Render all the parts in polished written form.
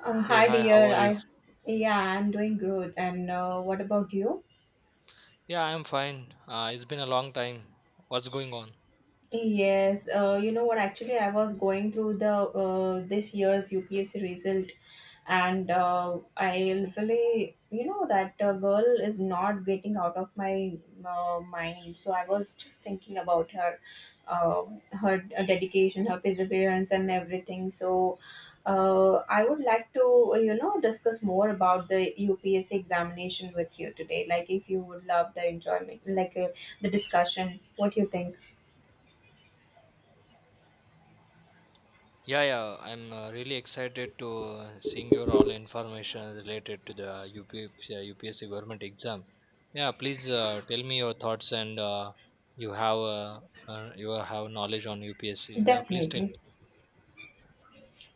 Hey, Hi hi, how dear, are you? I yeah, I'm doing good. And what about you? Yeah, I'm fine. It's been a long time. What's going on? Yes, you know what? Actually, I was going through the this year's UPSC result, and I literally, that girl is not getting out of my mind. So I was just thinking about her, uh, her dedication, her perseverance, and everything. So I would like to, discuss more about the UPSC examination with you today. Like, if you would love the enjoyment, like the discussion, what you think? Yeah, yeah, I'm really excited to seeing your all information related to the UPSC government exam. Yeah, please tell me your thoughts and you have uh, you have knowledge on UPSC. Yeah, please tell Definitely. me.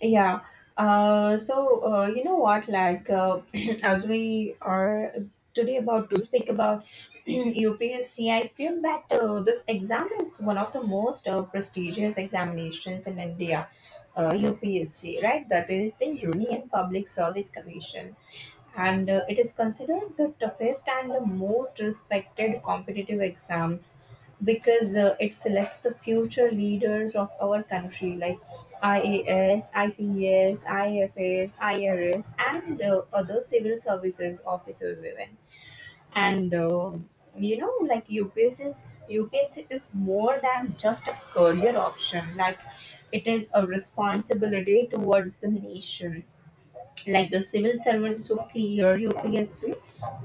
Yeah. So, you know what? Like, as we are today about to speak about UPSC, I feel that this exam is one of the most prestigious examinations in India. UPSC, right? That is the Union Public Service Commission. And it is considered the toughest and the most respected competitive exams because it selects the future leaders of our country like IAS, IPS, IFS, IRS, and other civil services officers even. And you know, like UPS is more than just a career option. Like it is a responsibility towards the nation like the civil servants who clear UPSC,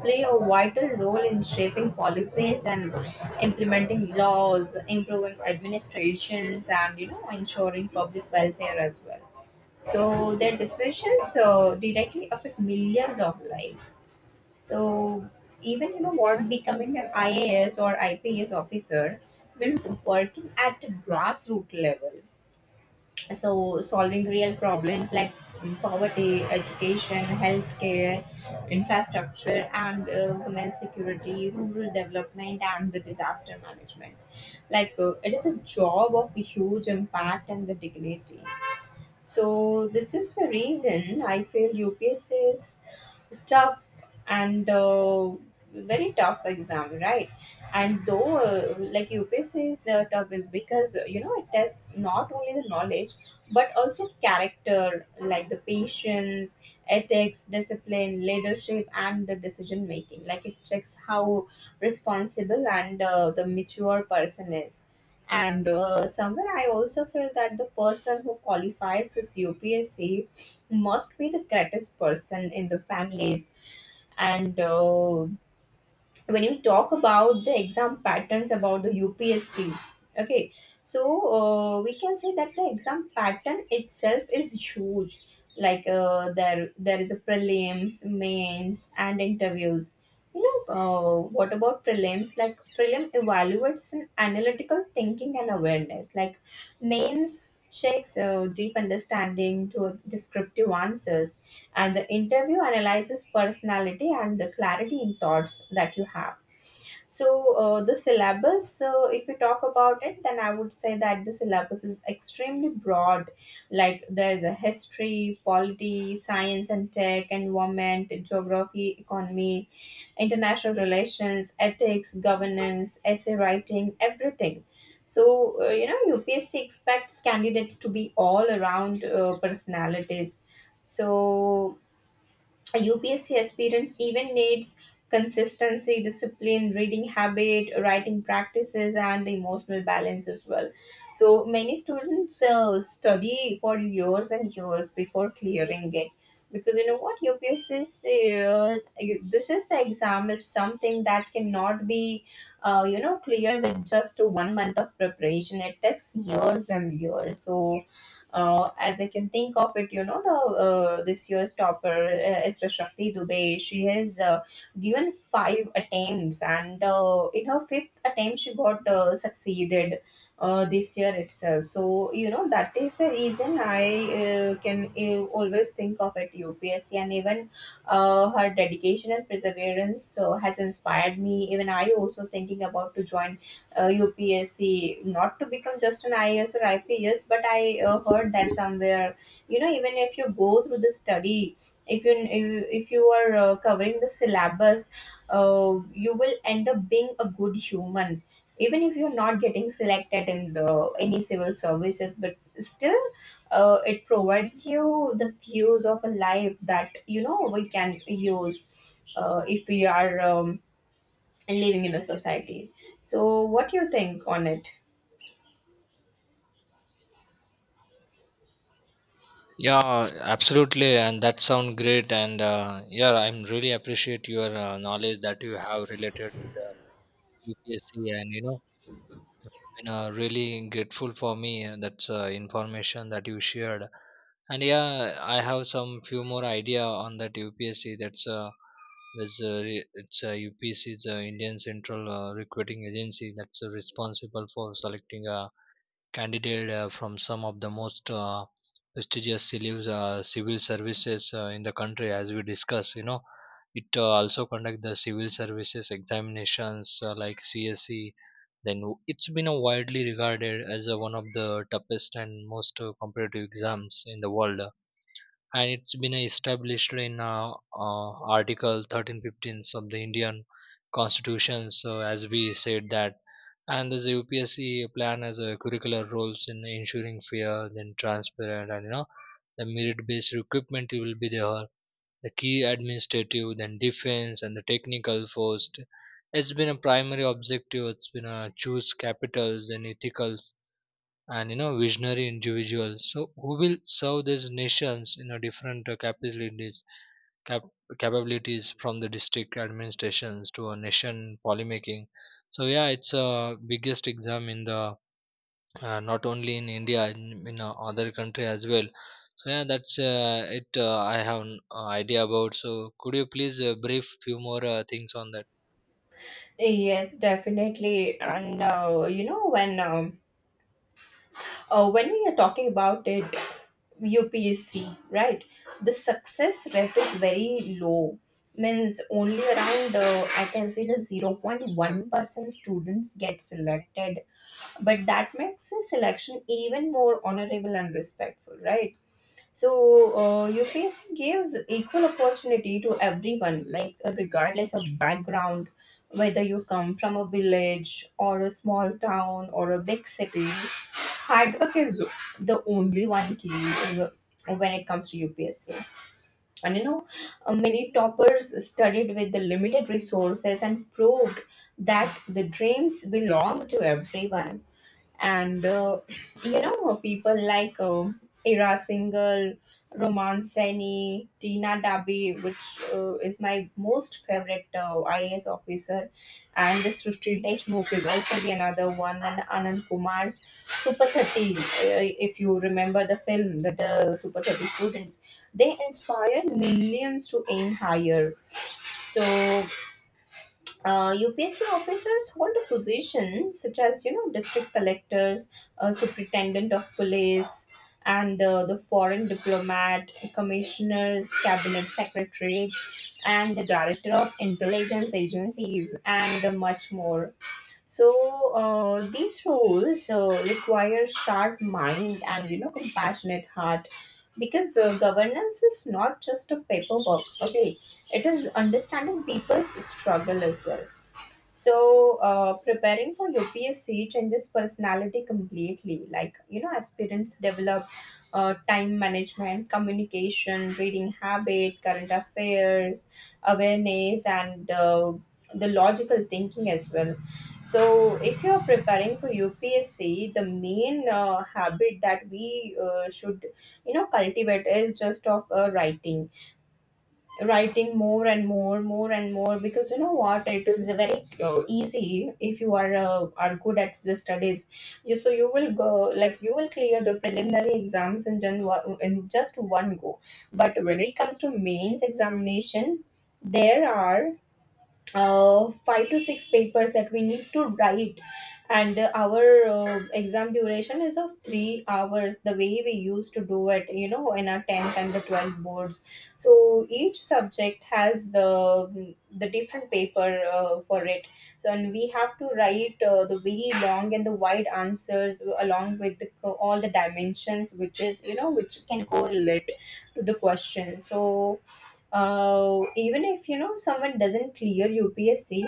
play a vital role in shaping policies and implementing laws, improving administrations, and you know ensuring public welfare as well. So their decisions directly affect millions of lives. So even you know what becoming an IAS or IPS officer means working at a grassroots level so solving real problems like poverty, education, healthcare, infrastructure, and women's security, rural development, and the disaster management. Like it is a job of huge impact and the dignity. So this is the reason I feel UPSC is tough, and very tough exam, right? And though like UPSC is tough is because you know it tests not only the knowledge but also character, like the patience, ethics, discipline, leadership, and the decision making. Like it checks how responsible and the mature person is. And somewhere I also feel that the person who qualifies this UPSC must be the greatest person in the families. And when you talk about the exam patterns about the UPSC, okay, so we can say that the exam pattern itself is huge. Like there is a prelims, mains, and interviews. You know what about prelims? Like, prelim evaluates an analytical thinking and awareness. Like mains checks deep understanding to descriptive answers, and the interview analyzes personality and the clarity in thoughts that you have. So the syllabus, so if we talk about it, then I would say that the syllabus is extremely broad. Like there's a history, polity, science and tech, environment, geography, economy, international relations, ethics, governance, essay writing, everything. So you know, UPSC expects candidates to be all around personalities. So a UPSC aspirants even needs consistency, discipline, reading habit, writing practices, and emotional balance as well. So many students study for years and years before clearing it, because you know what UPSC is. Uh, this is the exam is something that cannot be, cleared with just 1 month of preparation. It takes years and years. So as I can think of it, you know, the this year's topper is the Shakti Dubey. She has given 5 attempts, and in her 5th attempt, she got succeeded this year itself. So you know that is the reason I can always think of it UPSC, and even her dedication and perseverance has inspired me. Even I also thinking about to join UPSC, not to become just an IAS or IPS, but I heard that somewhere. You know, even if you go through the study, if you if you if you are covering the syllabus, you will end up being a good human, even if you're not getting selected in the any civil services. But still, it provides you the views of a life that you know we can use if we are. Living in a society. So, what do you think on it? Yeah, absolutely, and that sound great. And yeah, I'm really appreciate your knowledge that you have related to the UPSC, and you know, been really grateful for me, that's information that you shared. And yeah, I have some few more idea on that UPSC. That's there's a re- it's a upsc is a Indian central recruiting agency that's responsible for selecting a candidate from some of the most prestigious civil services in the country, as we discuss, you know. It also conduct the civil services examinations, like CSC. It's been a widely regarded as a one of the toughest and most competitive exams in the world, and it's been established in article 1315 of the Indian constitution. So as we said that, and the UPSC plan has a curricular roles in ensuring fair, then transparent, and you know, the merit based recruitment will be there, the key administrative, then defense, and the technical first. It's been a primary objective. It's been a choose capitals and ethicals and you know, visionary individuals. So who will serve these nations in a different capabilities, cap- capabilities, from the district administrations to a nation policymaking. So yeah, it's a biggest exam in the not only in India, in other country as well. Yeah, that's it. I have an idea about. So could you please brief few more things on that? Yes, definitely. And you know, when we are talking about it, UPSC, right? The success rate is very low. Means only around I can say the 0.1% students get selected, but that makes the selection even more honorable and respectful, right? So, UPSC gives equal opportunity to everyone, like regardless of background, whether you come from a village or a small town or a big city. Hard work is the only one key when it comes to UPSC. And you know, many toppers studied with the limited resources and proved that the dreams belong to everyone. And you know, people like Ira Singhal, Roman Saini, Tina Dabi, which is my most favorite IAS officer, and this Srushti Deshmukh is also the another one, and Anand Kumar's Super 30. If you remember the film, that the Super 30 students, they inspire millions to aim higher. So UPSC officers hold a position such as you know district collectors, superintendent of police, and the foreign diplomat, commissioners, cabinet secretary, and the director of intelligence agencies, and much more. So these roles require sharp mind and you know compassionate heart. Because governance is not just a paperwork, okay? It is understanding people's struggle as well. So, preparing for UPSC changes personality completely. Like, you know, aspirants develop time management, communication, reading habit, current affairs, awareness, and the logical thinking as well. So, if you're preparing for UPSC, the main habit that we should, you know, cultivate is just of writing, writing more and more, because you know what, it is very easy if you are good at the studies. You, so you will go, like you will clear the preliminary exams in, in just one go. But when it comes to mains examination, there are 5 to 6 papers that we need to write. And our exam duration is of 3 hours, the way we used to do it, you know, in our 10th and the 12th boards. So each subject has the different paper for it. So, and we have to write the very long and the wide answers along with the, all the dimensions which is you know which can correlate to the question. So even if you know someone doesn't clear UPSC,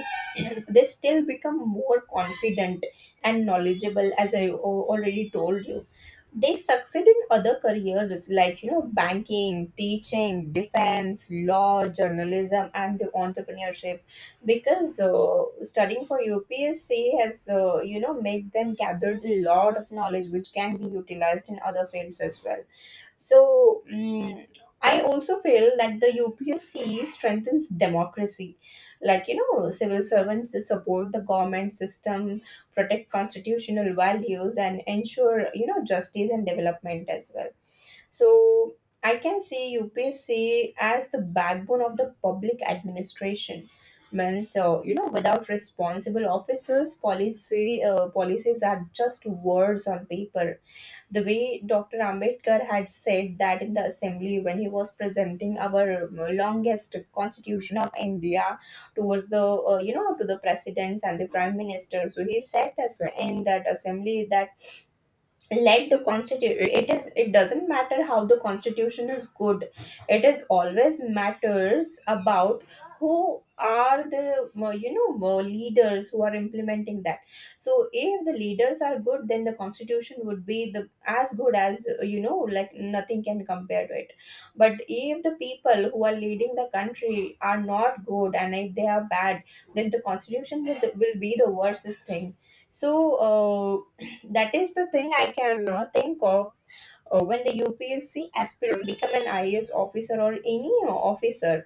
they still become more confident and knowledgeable, as I already told you. They succeed in other careers like you know banking, teaching, defense, law, journalism, and the entrepreneurship, because studying for UPSC has you know made them gathered a lot of knowledge which can be utilized in other fields as well. So mm, I also feel that the UPSC strengthens democracy. Like you know, civil servants support the government system, protect constitutional values, and ensure you know justice and development as well. So I can see UPSC as the backbone of the public administration. Means so you know, without responsible officers, policy policies are just words on paper, the way Dr. Ambedkar had said that in the assembly when he was presenting our longest constitution of India towards the to the presidents and the prime minister. So he said this in that assembly that let the constitution, it is, it doesn't matter how the constitution is good, it is always matters about who are the leaders who are implementing that. So if the leaders are good, then the constitution would be the as good as you know, like nothing can compare to it. But if the people who are leading the country are not good and if they are bad, then the constitution will be the worstest thing. So that is the thing I cannot think of. When the UPSC aspirant become an IAS officer or any officer,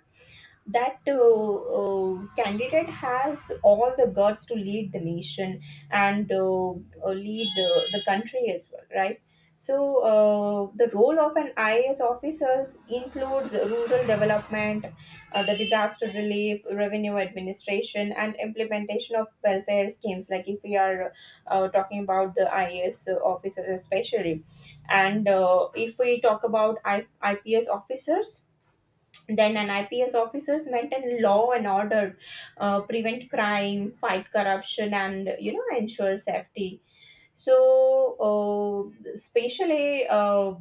that candidate has all the guts to lead the nation, and lead the country as well, right? So the role of an IAS officers includes rural development, the disaster relief, revenue administration, and implementation of welfare schemes. Like if we are talking about the IAS officers especially, and if we talk about IPS officers, then an IPS officers maintain law and order, prevent crime, fight corruption, and you know ensure safety. So, especially,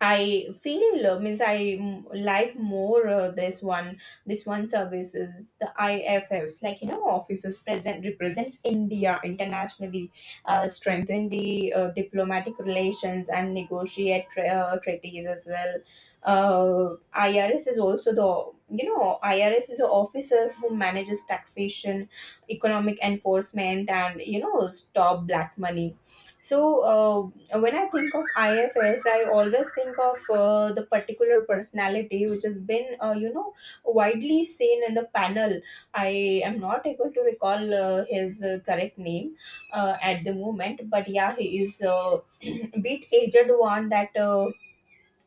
I feel means I like more this one service is the IFS. Like officers present represents India internationally, strengthen the diplomatic relations and negotiate treaties as well. uh, IRS is also the, IRS is the officers who manages taxation, economic enforcement, and stop black money. So and when I think of IFS, I always think of the particular personality which has been, widely seen in the panel. I am not able to recall his correct name at the moment, but yeah, he is a bit aged one that uh,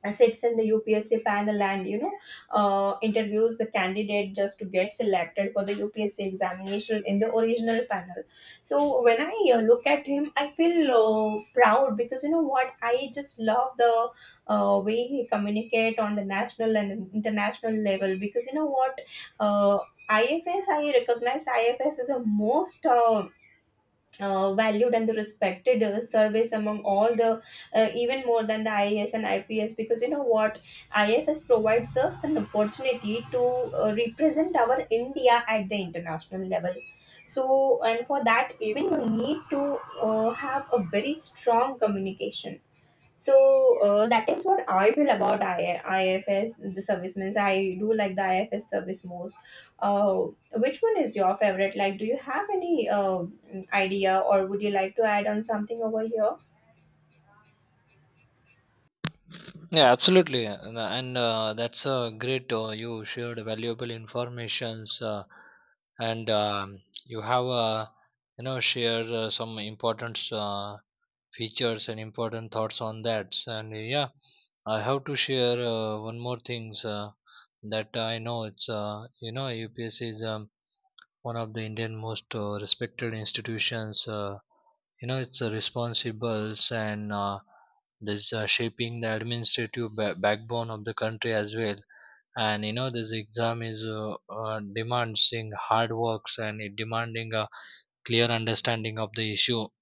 uh, sits in the UPSC panel and interviews the candidate just to get selected for the UPSC examination in the original panel. So when I look at him, I feel proud, because you know what, I just love the way he communicate on the national and international level. Because you know what, uh, IFS, I recognized IFS is a most valued and the respected service among all the, even more than the IAS and IPS, because you know what, IFS provides us an opportunity to represent our India at the international level. So, and for that, even you need to have a very strong communication. So that is what I feel about IFS, the service, means I do like the IFS service most. Uh, which one is your favorite? Like, do you have any idea, or would you like to add on something over here? Yeah, absolutely. And, that's great. You shared valuable informations, and you have you know, shared some important features and important thoughts on that. And yeah, I have to share one more things that I know. It's you know, UPSC is one of the Indian most respected institutions. You know, it's responsible, and this shaping the administrative backbone of the country as well. And you know, this exam is demanding hard works, and it demanding a clear understanding of the issue.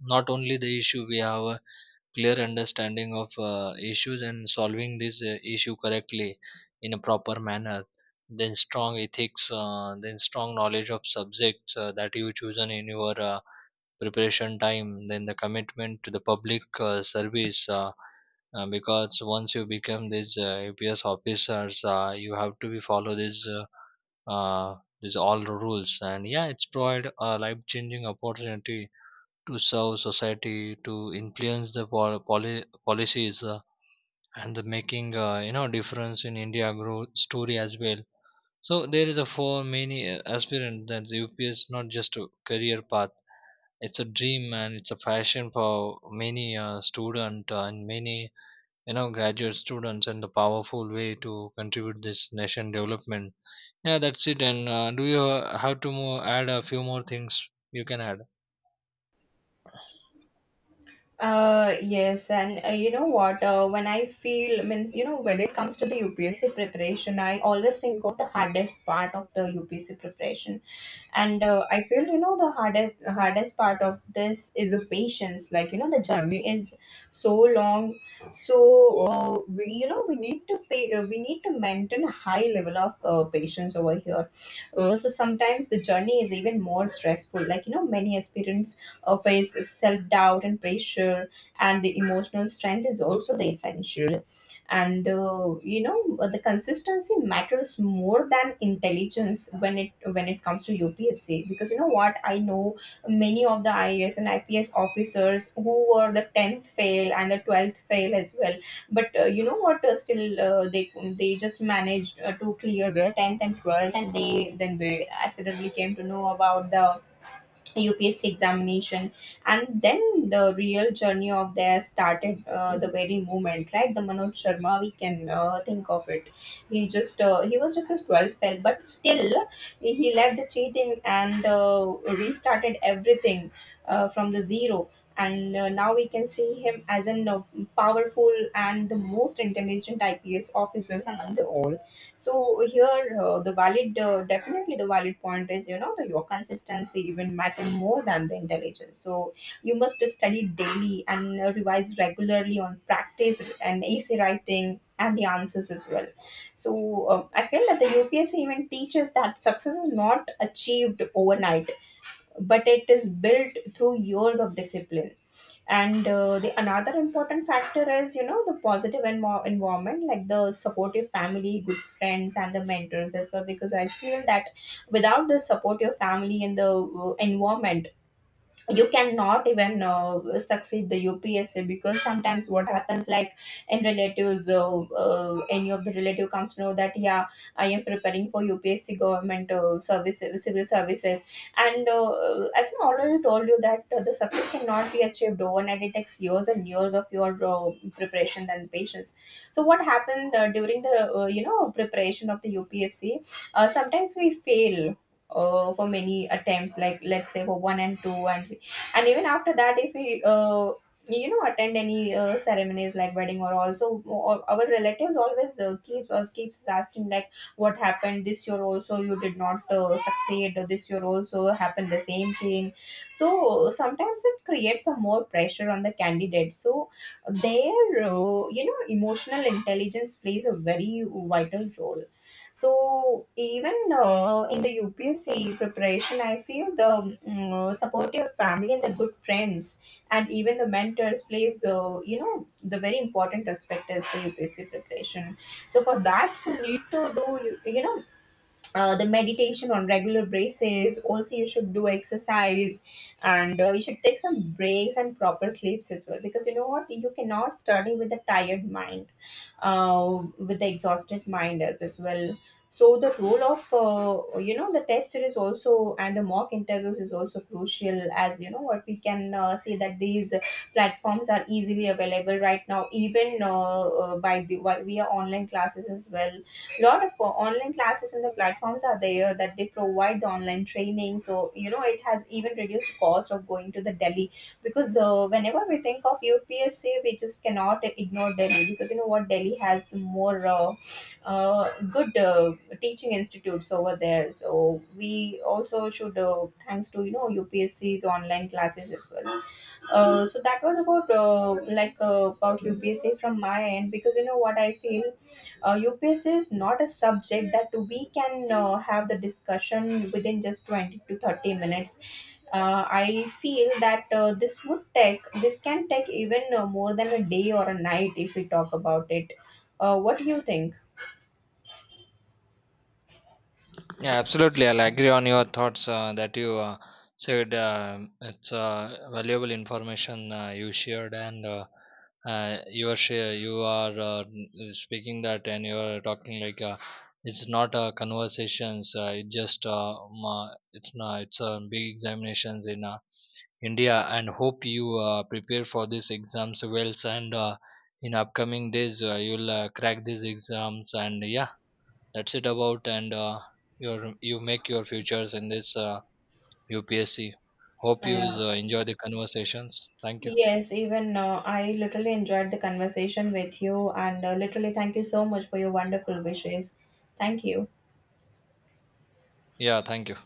Not only the issue we have. Clear understanding of issues and solving this issue correctly in a proper manner, then strong ethics, then strong knowledge of subjects that you chosen in your preparation time, then the commitment to the public service, because once you become this APS officers, you have to be follow this, these all rules. And yeah, it's provide a life changing opportunity to serve society, to influence the policies, and the making you know, difference in India growth story as well. So there is a for many aspirant that the UPS not just a career path. It's a dream and it's a passion for many student and many, you know, graduate students, and the powerful way to contribute this nation development. Yeah, that's it. And do you have to more add a few more things you can add? Yes, and you know what? When I feel, means, when it comes to the UPSC preparation, I always think of the hardest part of the UPSC preparation, and I feel, the hardest part of this is the patience. Like, the journey is so long. So we, we need to pay we need to maintain a high level of patience over here. So sometimes the journey is even more stressful. Like, many aspirants face self doubt and pressure, and the emotional strength is also the essential. And the consistency matters more than intelligence, when it comes to UPSC, because you know what, I know many of the IAS and IPS officers who were the tenth fail and the 12th fail as well. But you know what? Still, they just managed to clear their tenth and 12th, and they then they accidentally came to know about the UPSC examination, and then the real journey of there started the very moment, right? The Manoj Sharma, we can think of it. He was just a 12th fail, but still he left the cheating and restarted everything from the zero. And now we can see him as a powerful and the most intelligent IPS officers among the all. So here, definitely the valid point is, that your consistency even matter more than the intelligence. So you must study daily, and revise regularly on practice and essay writing and the answers as well. So I feel that the UPSC even teaches that success is not achieved overnight, but it is built through years of discipline. And the another important factor is, the positive environment, like the supportive family, good friends, and the mentors as well, because I feel that without the supportive family and the environment, you cannot even succeed the UPSC. Because sometimes what happens, like, in relatives any of the relative comes to know that, yeah, I am preparing for UPSC government service, civil services, and as I already told you that the success cannot be achieved overnight, it takes years and years of your preparation and patience. So what happened during the preparation of the UPSC, sometimes we fail for many attempts, like, let's say for one and two, and even after that, if we attend any ceremonies, like wedding or also, or our relatives always keeps asking, like, what happened this year also, you did not succeed, or this year also happened the same thing. So sometimes it creates a more pressure on the candidate. So their emotional intelligence plays a very vital role. So even in the UPSC preparation, I feel the supportive family and the good friends and even the mentors plays, the very important aspect as the UPSC preparation. So for that, you need to do the meditation on regular basis, also you should do exercise, and you should take some breaks and proper sleeps as well, because you know what, you cannot study with a tired mind, with the exhausted mind as well. So the role of, the tester is also, and the mock interviews is also crucial. As you know what, we can say that these platforms are easily available right now, even while we are online classes as well. Lot of online classes and the platforms are there that they provide the online training. So it has even reduced cost of going to the Delhi, because whenever we think of UPSC, we just cannot ignore Delhi, because you know what, Delhi has the more good teaching institutes over there. So we also should thanks to, UPSC's online classes as well. So that was about, about UPSC from my end, because you know what, I feel UPSC is not a subject that we can have the discussion within just 20 to 30 minutes. I feel that this can take even more than a day or a night, if we talk about it. What do you think? Yeah, absolutely. I'll agree on your thoughts that you said. It's valuable information you shared, and you are share, you are speaking that, and you are talking like it's not conversations. It just it's not, it's big examinations in India, and hope you prepare for these exams well. And in upcoming days, you'll crack these exams, and yeah, that's it about. And your you make your futures in this UPSC. Hope you Yeah. Enjoy the conversations. Thank you. Yes, even I literally enjoyed the conversation with you, and literally, thank you so much for your wonderful wishes. Thank you. Yeah, thank you.